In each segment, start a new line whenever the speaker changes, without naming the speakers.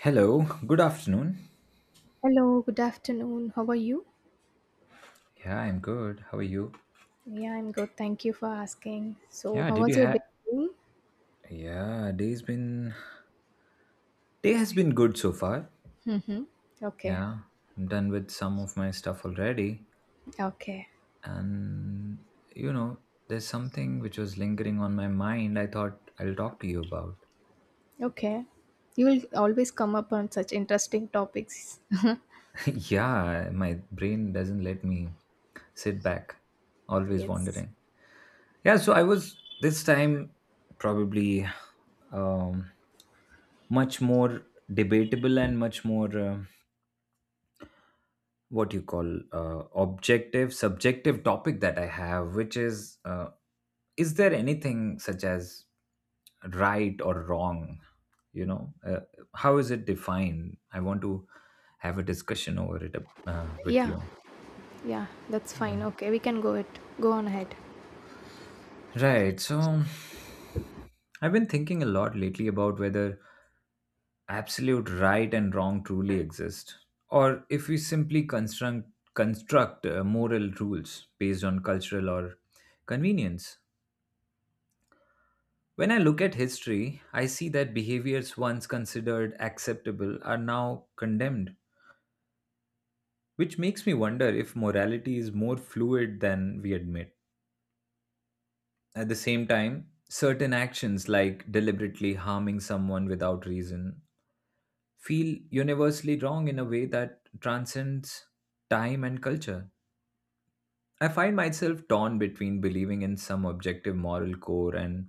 Hello, good afternoon.
Hello, good afternoon. How are you?
Yeah, I'm good. How are you?
Yeah, I'm good. Thank you for asking. So,
Yeah,
how
did
was
you
your day?
have
Going?
Yeah, day's been day has been good so far.
Mm-hmm. Okay,
Yeah, I'm done with some of my stuff already
okay,
and you know, there's something which was lingering on my mind. I thought I'll talk to you about.
okay. You will always come up on such interesting topics.
Yeah, my brain doesn't let me sit back, always
yes.
wandering. Yeah, so I was this time probably um much more debatable and much more what you call objective subjective topic that I have which is there anything such as right or wrong you know uh, how is it defined I want to have a discussion over it with
Yeah,
you
yeah, that's fine.
yeah
Okay, we can go it. Go on ahead.
right so I've been thinking a lot lately about whether absolute right and wrong truly exist or if we simply construct moral rules based on cultural or convenience. When I look at history, I see that behaviors once considered acceptable are now condemned, which makes me wonder if morality is more fluid than we admit. At the same time, certain actions like deliberately harming someone without reason feel universally wrong in a way that transcends time and culture. I find myself torn between believing in some objective moral core and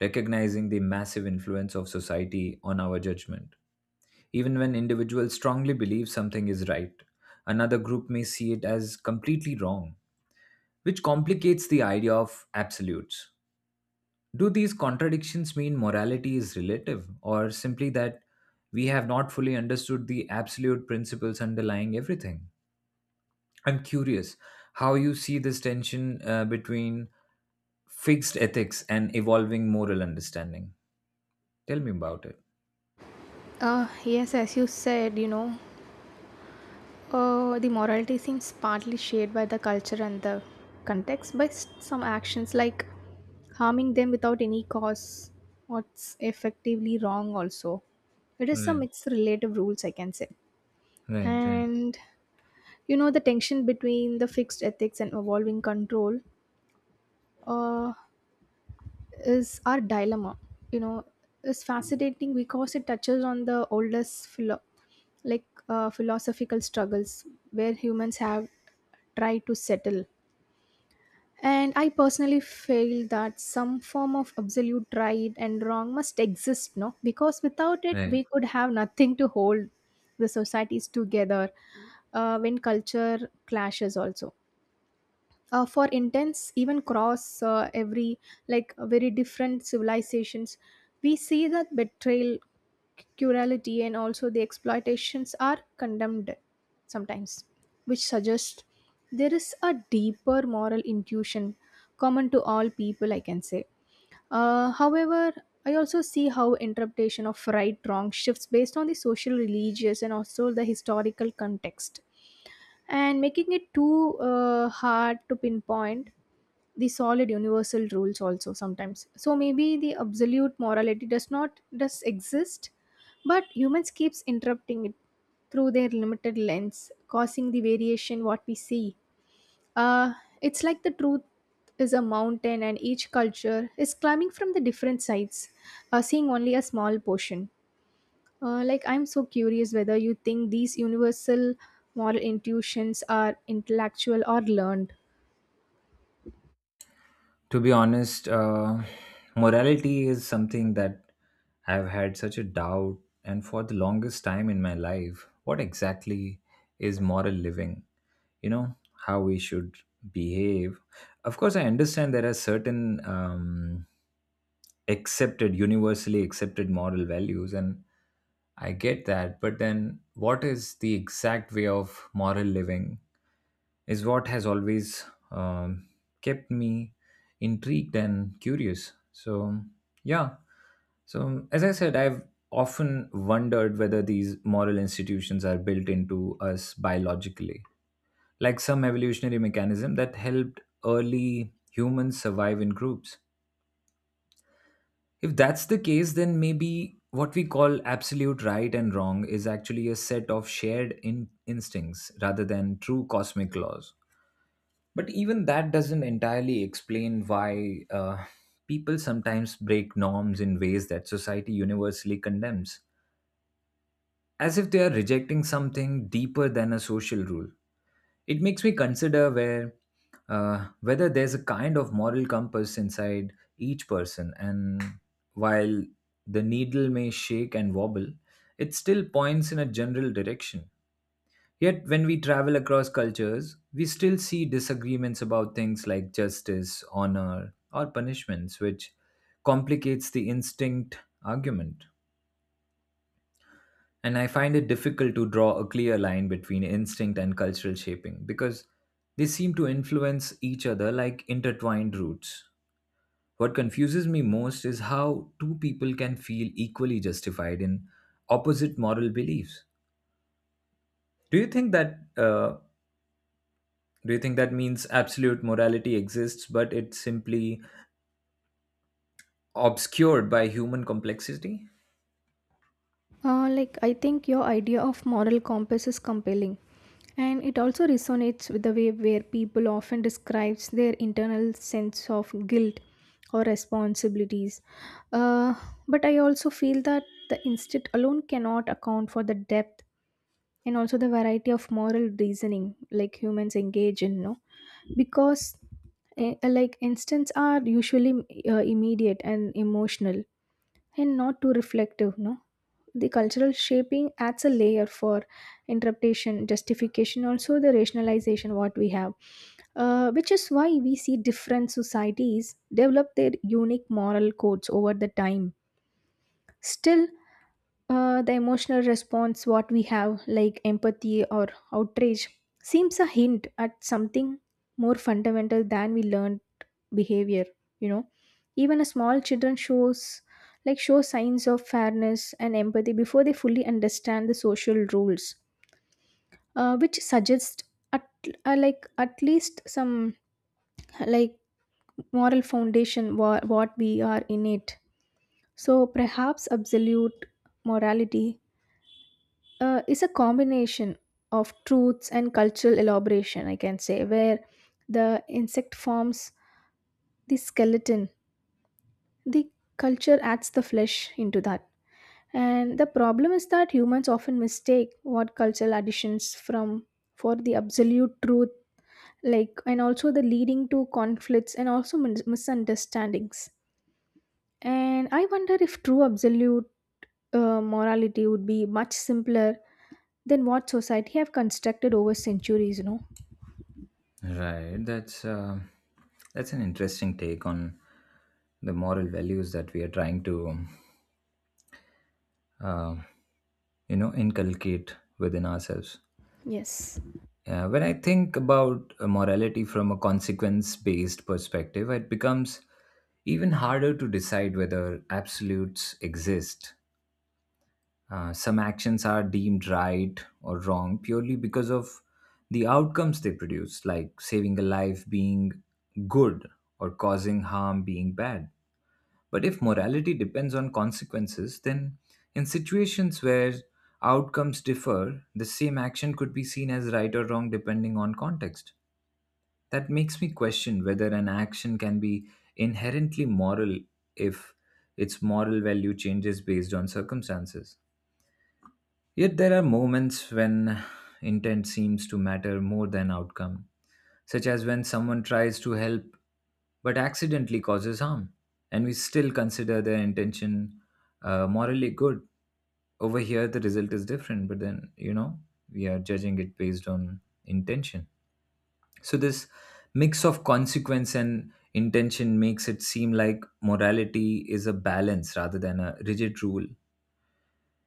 recognizing the massive influence of society on our judgment. Even when individuals strongly believe something is right, another group may see it as completely wrong, which complicates the idea of absolutes. Do these contradictions mean morality is relative, or simply that we have not fully understood the absolute principles underlying everything? I'm curious how you see this tension between fixed ethics and evolving moral understanding. Tell me about it.
Yes, as you said, you know, the morality seems partly shaped by the culture and the context, but some actions like harming them without any cause, what's effectively wrong, also. It is some
Right,
mixed relative rules, I can say.
right, right,
And you know, the tension between the fixed ethics and evolving control. Uh, is our dilemma, you know, is fascinating because it touches on the oldest like philosophical struggles where humans have tried to settle, and I personally feel that some form of absolute right and wrong must exist, no, because without it
right.
we could have nothing to hold the societies together. When culture clashes also, for intense, even cross every like very different civilizations, we see that betrayal, cruelty, and also the exploitations are condemned sometimes, which suggests there is a deeper moral intuition common to all people, I can say. However, I also see how interpretation of right wrong shifts based on the social, religious, and also the historical context, and making it too hard to pinpoint the solid universal rules also sometimes. So maybe the absolute morality does not does exist, but humans keeps interrupting it through their limited lens, causing the variation what we see. uh it's like the truth is a mountain and each culture is climbing from the different sides, seeing only a small portion. Like, I'm so curious whether you think these universal moral intuitions are intellectual or learned.
To be honest, morality is something that I've had such a doubt, and for the longest time in my life, what exactly is moral living? You know, how we should behave. Of course, I understand there are certain accepted, universally accepted moral values, and I get that, but then what is the exact way of moral living? Is what has always um, kept me intrigued and curious. So, yeah. So, as I said, I've often wondered whether these moral institutions are built into us biologically, like some evolutionary mechanism that helped early humans survive in groups. If that's the case, then maybe what we call absolute right and wrong is actually a set of shared instincts rather than true cosmic laws. But even that doesn't entirely explain why people sometimes break norms in ways that society universally condemns, as if they are rejecting something deeper than a social rule. It makes me consider where whether there's a kind of moral compass inside each person, and while the needle may shake and wobble, it still points in a general direction. Yet, when we travel across cultures, we still see disagreements about things like justice, honor, or punishments, which complicates the instinct argument. And I find it difficult to draw a clear line between instinct and cultural shaping because they seem to influence each other like intertwined roots. What confuses me most is how two people can feel equally justified in opposite moral beliefs. Do you think that uh, Do you think that means absolute morality exists, but it's simply obscured by human complexity?
I think your idea of moral compass is compelling, and it also resonates with the way where people often describes their internal sense of guilt or responsibilities. Uh, but I also feel that the instinct alone cannot account for the depth and also the variety of moral reasoning like humans engage in, no? Because like instincts are usually immediate and emotional and not too reflective, no. The cultural shaping adds a layer for interpretation, justification, also the rationalization what we have, which is why we see different societies develop their unique moral codes over the time. Still, the emotional response, what we have, like empathy or outrage, seems a hint at something more fundamental than we learned behavior. You know, even a small children shows show signs of fairness and empathy before they fully understand the social rules, which suggests at like at least some like moral foundation what we are innate. So perhaps absolute morality is a combination of truths and cultural elaboration, I can say, where the insect forms the skeleton, the culture adds the flesh into that. And the problem is that humans often mistake what cultural additions from for the absolute truth, like, and also the leading to conflicts and also misunderstandings. And I wonder if true absolute morality would be much simpler than what society have constructed over centuries. You know.
Right. That's that's an interesting take on the moral values that we are trying to, uh, inculcate within ourselves.
Yes.
Yeah, when I think about morality from a consequence-based perspective, it becomes even harder to decide whether absolutes exist. Some actions are deemed right or wrong purely because of the outcomes they produce, like saving a life being good or causing harm being bad. But if morality depends on consequences, then in situations where outcomes differ, the same action could be seen as right or wrong depending on context. That makes me question whether an action can be inherently moral if its moral value changes based on circumstances. Yet there are moments when intent seems to matter more than outcome, such as when someone tries to help but accidentally causes harm, and we still consider their intention morally good. Over here, the result is different, but then, you know, we are judging it based on intention. So, this mix of consequence and intention makes it seem like morality is a balance rather than a rigid rule.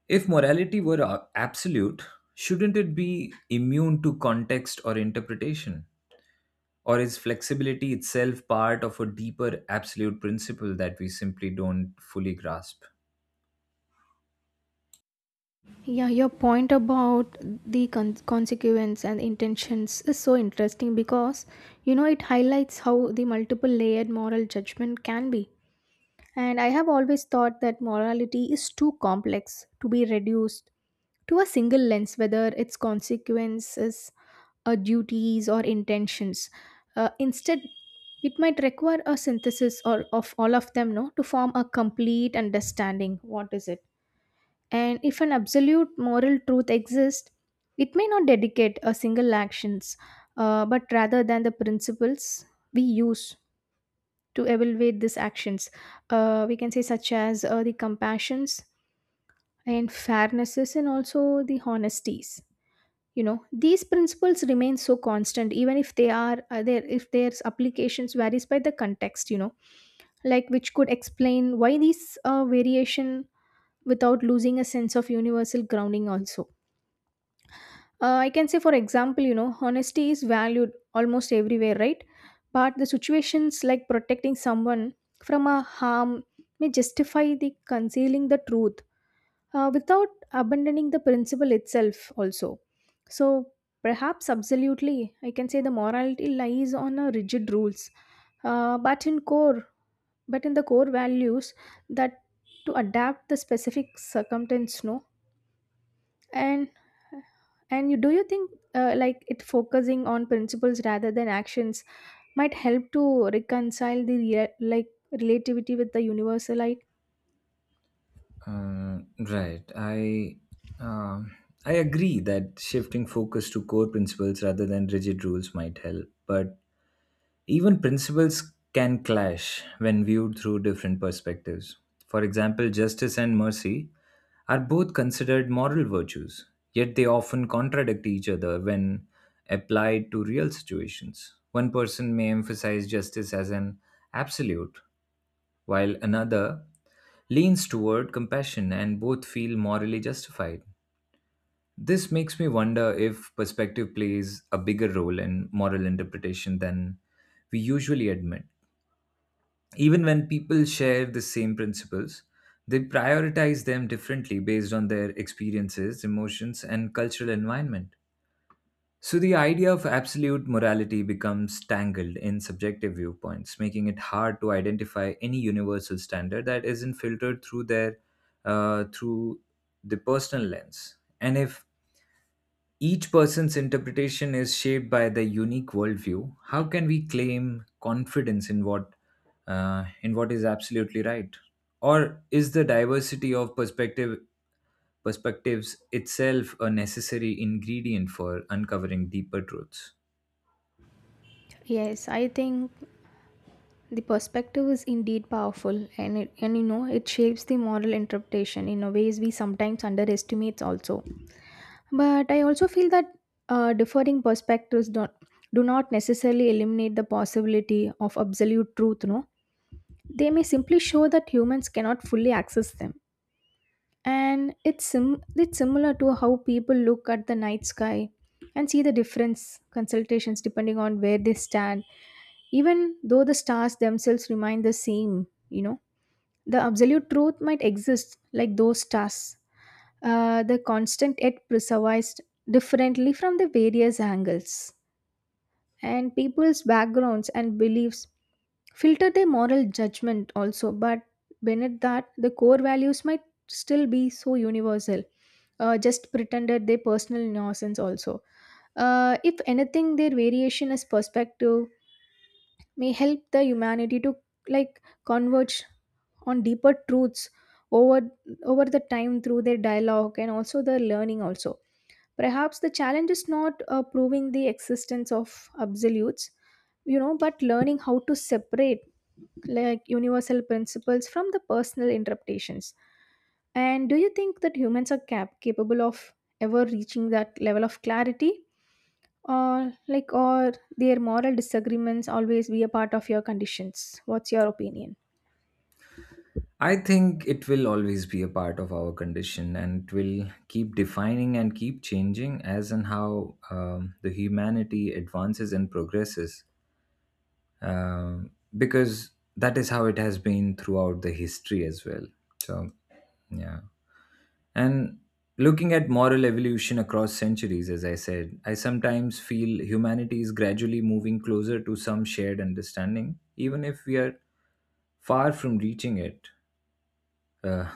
If morality were absolute, shouldn't it be immune to context or interpretation? Or is flexibility itself part of a deeper absolute principle that we simply don't fully grasp?
Yeah, your point about the consequence and intentions is so interesting because, you know, it highlights how the multiple layered moral judgment can be. And I have always thought that morality is too complex to be reduced to a single lens, whether its consequences are duties or intentions. Instead, it might require a synthesis or of all of them, no, to form a complete understanding. What is it? And if an absolute moral truth exists, it may not dedicate a single actions, but rather than the principles we use to evaluate these actions. We can say such as the compassions and fairnesses and also the honesties. You know, these principles remain so constant even if they are there, if their applications varies by the context, you know, like, which could explain why these variation without losing a sense of universal grounding also. I can say, for example, you know, honesty is valued almost everywhere, right? But the situations like protecting someone from a harm may justify the concealing the truth, without abandoning the principle itself, also. So, perhaps absolutely, I can say the morality lies on a rigid rules, uh, but in core, but in the core values that to adapt the specific circumstance, no. And and you, do you think, like, it focusing on principles rather than actions might help to reconcile the like relativity with the universalite?
Uh, right. Um, I agree that shifting focus to core principles rather than rigid rules might help, but even principles can clash when viewed through different perspectives. For example, justice and mercy are both considered moral virtues, yet they often contradict each other when applied to real situations. One person may emphasize justice as an absolute, while another leans toward compassion, and both feel morally justified. This makes me wonder if perspective plays a bigger role in moral interpretation than we usually admit. Even when people share the same principles, they prioritize them differently based on their experiences, emotions, and cultural environment. So, the idea of absolute morality becomes tangled in subjective viewpoints, making it hard to identify any universal standard that isn't filtered through their through the personal lens. And if each person's interpretation is shaped by their unique worldview. How can we claim confidence in what is absolutely right? Or is the diversity of perspectives itself a necessary ingredient for uncovering deeper truths?
Yes, I think the perspective is indeed powerful, and you know, it shapes the moral interpretation in a ways we sometimes underestimates also. But I also feel that differing perspectives don't do not necessarily eliminate the possibility of absolute truth, no. They may simply show that humans cannot fully access them. And it's similar to how people look at the night sky and see the difference consultations depending on where they stand, even though the stars themselves remain the same, you know. The absolute truth might exist like those stars, the constant yet preserved differently from the various angles, and people's backgrounds and beliefs filter their moral judgment also. But beneath that the core values might still be so universal, just pretended their personal innocence also. If anything, their variation as perspective may help the humanity to like converge on deeper truths over the time through their dialogue and also the learning also. Perhaps the challenge is not proving the existence of absolutes, you know, but learning how to separate like universal principles from the personal interpretations. And do you think that humans are capable of ever reaching that level of clarity? Or like, or their moral disagreements always be a part of your conditions? What's your opinion?
I think it will always be a part of our condition and it will keep defining and keep changing as and how the humanity advances and progresses, um, because that is how it has been throughout the history as well. So, yeah. And looking at moral evolution across centuries, as I said, I sometimes feel humanity is gradually moving closer to some shared understanding, even if we are far from reaching it. Uh,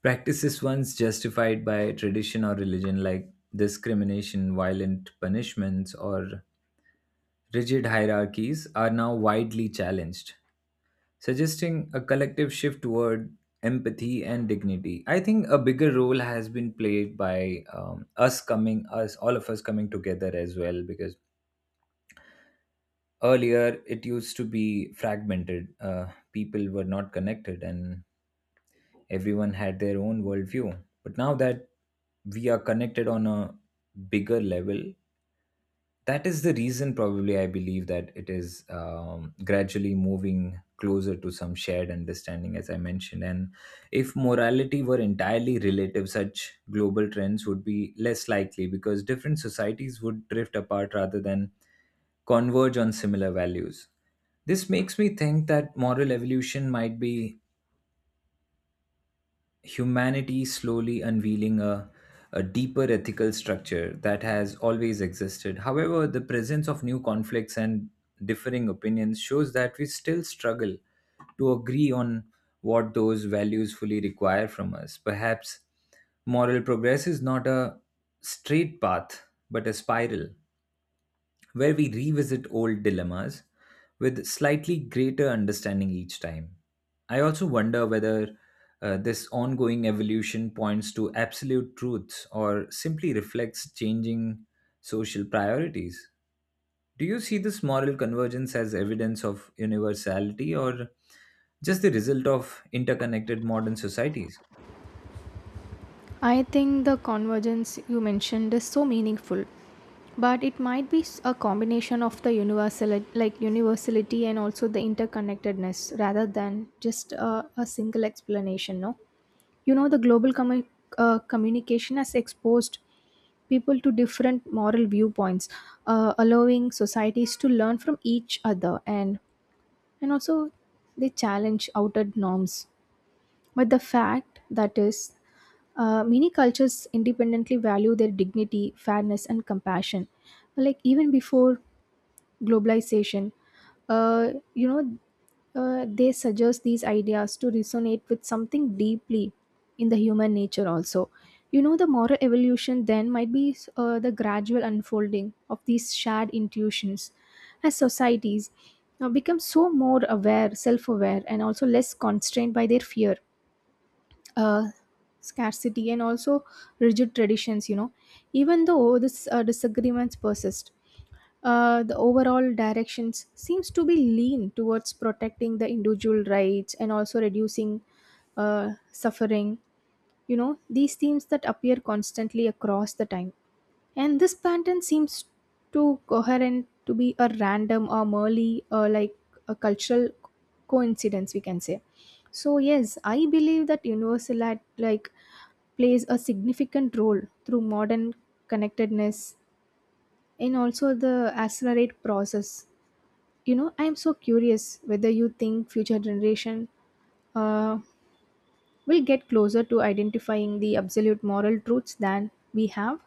Practices once justified by tradition or religion, like discrimination, violent punishments, or rigid hierarchies, are now widely challenged, suggesting a collective shift toward empathy and dignity. I think a bigger role has been played by us all of us coming together as well, because earlier it used to be fragmented. People were not connected, and everyone had their own worldview. But now that we are connected on a bigger level, that is the reason probably I believe that it is gradually moving closer to some shared understanding as I mentioned. And if morality were entirely relative, such global trends would be less likely because different societies would drift apart rather than converge on similar values. This makes me think that moral evolution might be humanity slowly unveiling a deeper ethical structure that has always existed. However, the presence of new conflicts and differing opinions shows that we still struggle to agree on what those values fully require from us. Perhaps moral progress is not a straight path, but a spiral where we revisit old dilemmas with slightly greater understanding each time. I also wonder whether this ongoing evolution points to absolute truths or simply reflects changing social priorities. Do you see this moral convergence as evidence of universality or just the result of interconnected modern societies?
I think the convergence you mentioned is so meaningful, but it might be a combination of the universal, like universality and also the interconnectedness rather than just a single explanation. No, you know, the global communication has exposed people to different moral viewpoints, allowing societies to learn from each other, and also they challenge outer norms. But the fact that is, many cultures independently value their dignity, fairness, and compassion. Like even before globalization, uh, you know, they suggest these ideas to resonate with something deeply in the human nature. Also, you know, the moral evolution then might be the gradual unfolding of these shared intuitions as societies now become so more aware, self-aware, and also less constrained by their fear, uh, scarcity, and also rigid traditions, you know. Even though this disagreements persist, the overall directions seems to be lean towards protecting the individual rights and also reducing suffering. You know, these themes that appear constantly across the time, and this pattern seems too coherent to be a random or merely like a cultural coincidence, we can say. So yes, I believe that universal, like, plays a significant role through modern connectedness and also the accelerate process. You know, I am so curious whether you think future generation uh, will get closer to identifying the absolute moral truths than we have.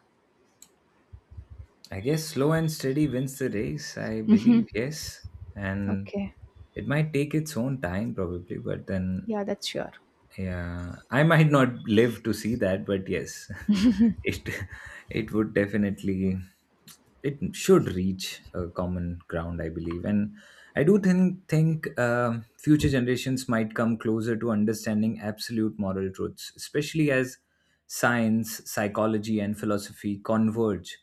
I guess slow and steady wins the race. I believe, yes. And
Okay,
it might take its own time, probably, but then
yeah, that's sure.
yeah, I might not live to see that, but yes, it it would definitely, it should reach a common ground, I believe, and I do think future generations might come closer to understanding absolute moral truths, especially as science, psychology, and philosophy converge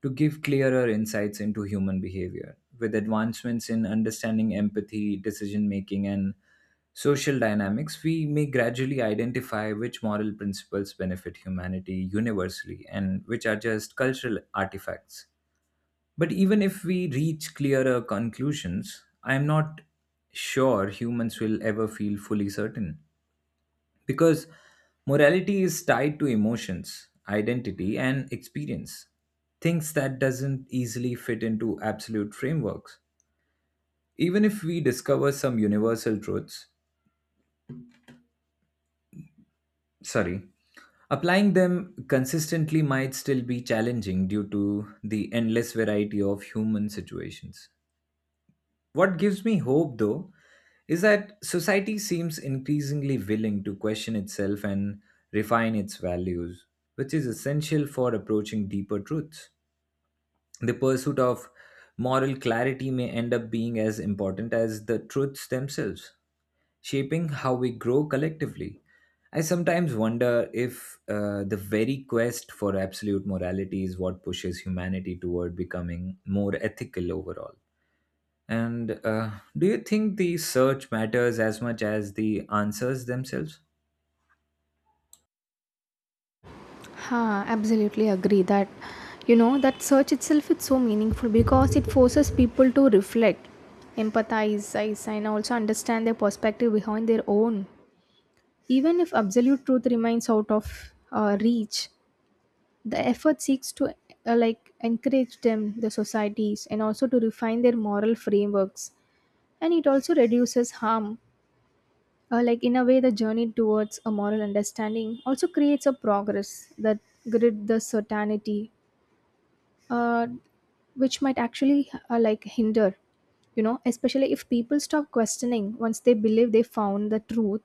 to give clearer insights into human behavior. With advancements in understanding empathy, decision making, and social dynamics, we may gradually identify which moral principles benefit humanity universally and which are just cultural artifacts. But even if we reach clearer conclusions, I am not sure humans will ever feel fully certain because morality is tied to emotions, identity, and experience. Things that doesn't easily fit into absolute frameworks. Even if we discover some universal truths, sorry, applying them consistently might still be challenging due to the endless variety of human situations. What gives me hope though is that society seems increasingly willing to question itself and refine its values, which is essential for approaching deeper truths. The pursuit of moral clarity may end up being as important as the truths themselves, shaping how we grow collectively. I sometimes wonder if the very quest for absolute morality is what pushes humanity toward becoming more ethical overall. And do you think the search matters as much as the answers themselves?
Ha, absolutely agree that, you know, that search itself is so meaningful because it forces people to reflect, empathize, size, and also understand their perspective behind their own. Even if absolute truth remains out of reach, the effort seeks to encourage them, the societies, and also to refine their moral frameworks, and it also reduces harm. In a way, the journey towards a moral understanding also creates a progress that grid the certainty, uh, which might actually hinder, especially if people stop questioning once they believe they found the truth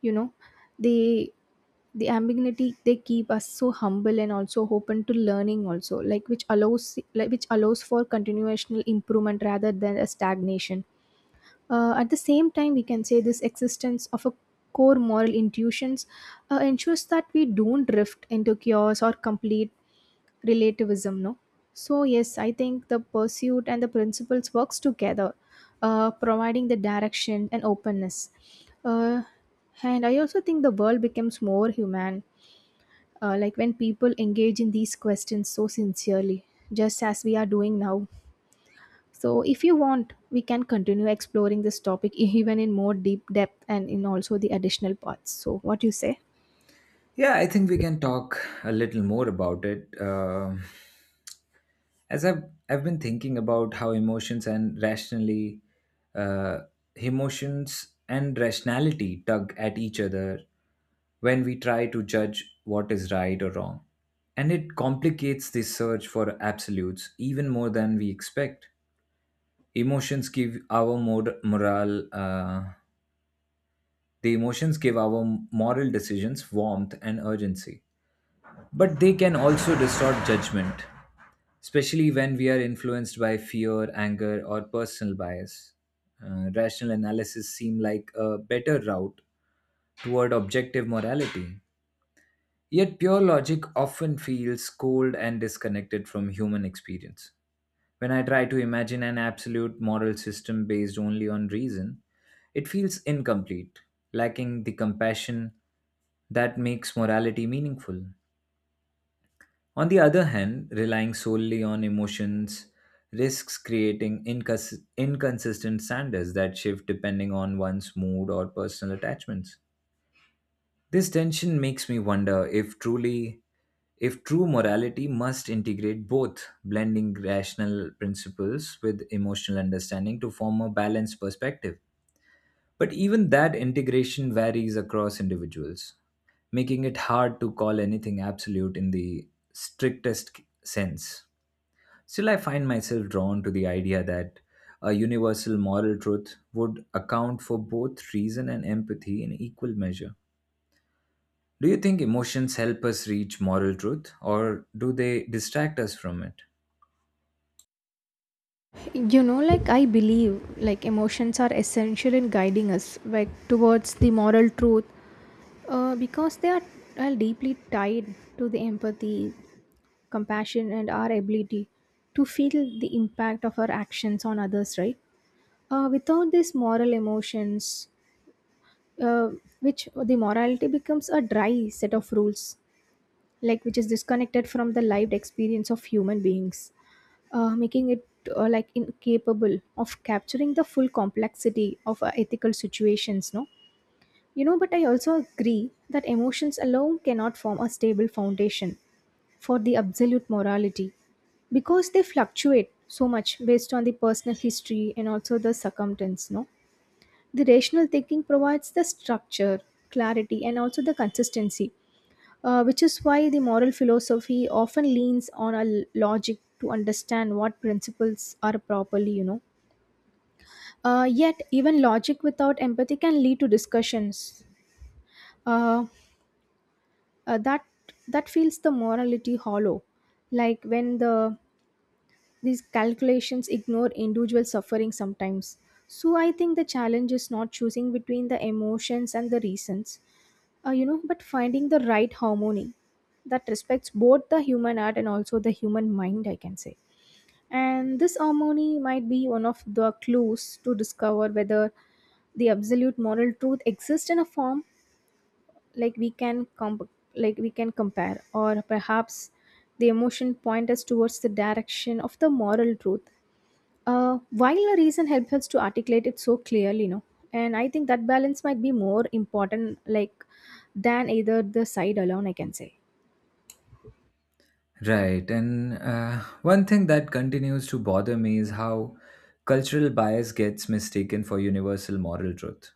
you know they the ambiguity, they keep us so humble and also open to learning also, like which allows which allows for continuational improvement rather than a stagnation. At the same time, we can say this existence of a core moral intuitions ensures that we don't drift into chaos or complete relativism, no. So yes, I think the pursuit and the principles works together, providing the direction and openness. uh, and I also think the world becomes more human when people engage in these questions so sincerely, just as we are doing now. So if you want, we can continue exploring this topic even in more deep depth and in also the additional parts. So what do you say?
Yeah, I think we can talk a little more about it. Um, as I've been thinking about how uh, emotions and rationality tug at each other when we try to judge what is right or wrong. And it complicates this search for absolutes even more than we expect. Emotions give our mor- moral, the emotions give our moral decisions warmth and urgency, but they can also distort judgment, especially when we are influenced by fear, anger, or personal bias. Rational analysis seem like a better route toward objective morality. Yet pure logic often feels cold and disconnected from human experience. When I try to imagine an absolute moral system based only on reason, it feels incomplete, lacking the compassion that makes morality meaningful. On the other hand, relying solely on emotions risks creating inconsistent standards that shift depending on one's mood or personal attachments. This tension makes me wonder if true morality must integrate both, blending rational principles with emotional understanding to form a balanced perspective. But even that integration varies across individuals, making it hard to call anything absolute in the strictest sense. Still, I find myself drawn to the idea that a universal moral truth would account for both reason and empathy in equal measure. Do you think emotions help us reach moral truth or do they distract us from it?
I believe, like, emotions are essential in guiding us, like, towards the moral truth, because they are deeply tied to the empathy, compassion, and our ability to feel the impact of our actions on others, right? Without these moral emotions, uh, which the morality becomes a dry set of rules, like which is disconnected from the lived experience of human beings, making it incapable of capturing the full complexity of ethical situations, no. You know, but I also agree that emotions alone cannot form a stable foundation for the absolute morality, because they fluctuate so much based on the personal history and also the circumstance, no. The rational thinking provides the structure, clarity, and also the consistency, which is why the moral philosophy often leans on a logic to understand what principles are properly, you know. Yet even logic without empathy can lead to discussions, uh, uh, that that feels the morality hollow, like when the these calculations ignore individual suffering sometimes. So I think the challenge is not choosing between the emotions and the reasons, you know, but finding the right harmony that respects both the human art and also the human mind, I can say. And this harmony might be one of the clues to discover whether the absolute moral truth exists in a form, like like we can compare, or perhaps the emotion point us towards the direction of the moral truth, while a reason helps us to articulate it so clearly, no, and I think that balance might be more important, like, than either the side alone, I can say.
Right, and one thing that continues to bother me is how cultural bias gets mistaken for universal moral truth,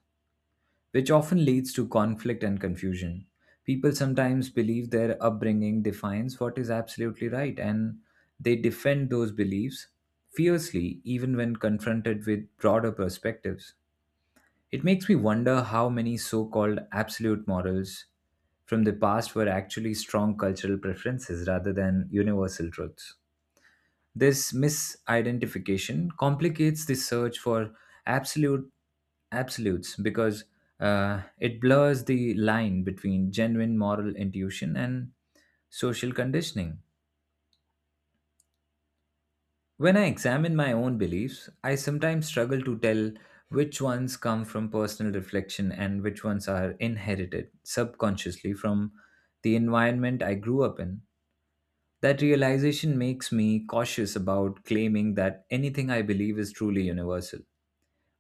which often leads to conflict and confusion. People sometimes believe their upbringing defines what is absolutely right, and they defend those beliefs fiercely even when confronted with broader perspectives. It makes me wonder how many so called absolute morals from the past were actually strong cultural preferences rather than universal truths. This misidentification complicates the search for absolute absolutes because it blurs the line between genuine moral intuition and social conditioning. When I examine my own beliefs, I sometimes struggle to tell which ones come from personal reflection and which ones are inherited subconsciously from the environment I grew up in. That realization makes me cautious about claiming that anything I believe is truly universal.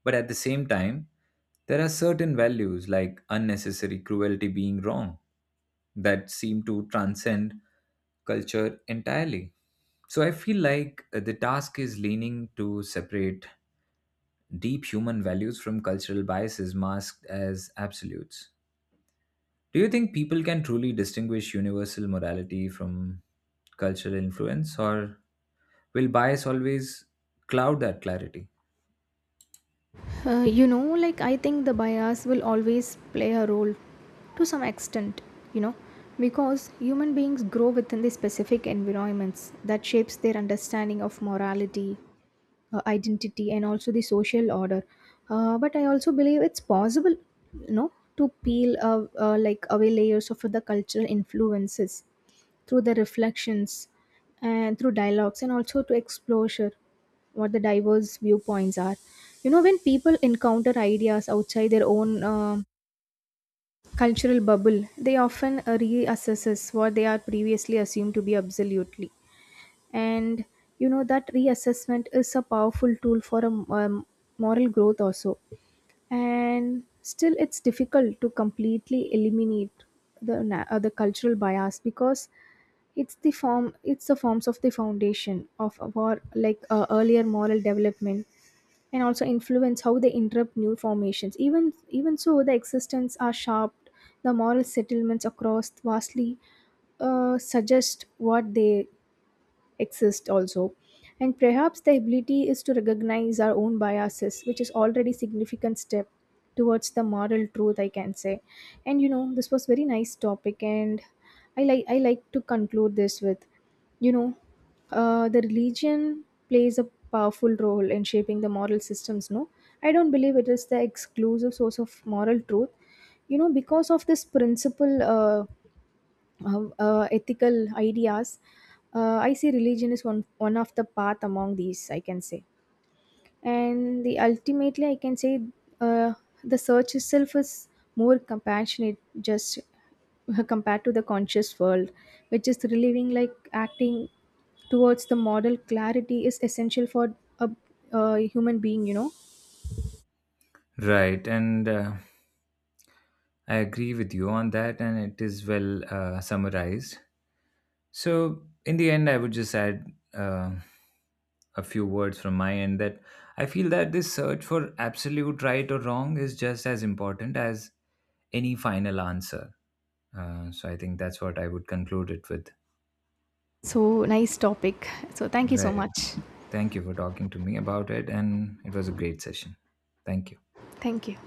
But at the same time, there are certain values, like unnecessary cruelty being wrong, that seem to transcend culture entirely. So I feel like the task is leaning to separate deep human values from cultural biases masked as absolutes. Do you think people can truly distinguish universal morality from cultural influence, or will bias always cloud that clarity?
You know, like, I think the bias will always play a role to some extent, you know, because human beings grow within the specific environments that shapes their understanding of morality, identity, and also the social order. But I also believe it's possible, you know, to peel away layers of the cultural influences through the reflections and through dialogues and also to exposure what the diverse viewpoints are. You know, when people encounter ideas outside their own cultural bubble, they often reassesses what they are previously assumed to be absolutely. And you know, that reassessment is a powerful tool for a moral growth also. And still it's difficult to completely eliminate the cultural bias, because it's the forms of the foundation of our, like, earlier moral development, and also influence how they interrupt new formations. Even so, the existence are sharp, the moral settlements across vastly suggest what they exist also. And perhaps the ability is to recognize our own biases, which is already significant step towards the moral truth, I can say. And you know, this was very nice topic, and I like to conclude this with, you know, the religion plays a powerful role in shaping the moral systems, no. I don't believe it is the exclusive source of moral truth, you know, because of this principle, ethical ideas. I see religion is one of the path among these, I can say. And the ultimately I can say, uh, the search itself is more compassionate, just compared to the conscious world, which is relieving. Like acting towards the model clarity is essential for a human being, you know.
Right, and I agree with you on that, and it is well summarized. So, in the end, I would just add uh, a few words from my end that I feel that this search for absolute right or wrong is just as important as any final answer. So, I think that's what I would conclude it with.
So nice topic. So thank you so
Right.
much.
Thank you for talking to me about it, and it was a great session. Thank you.
Thank you.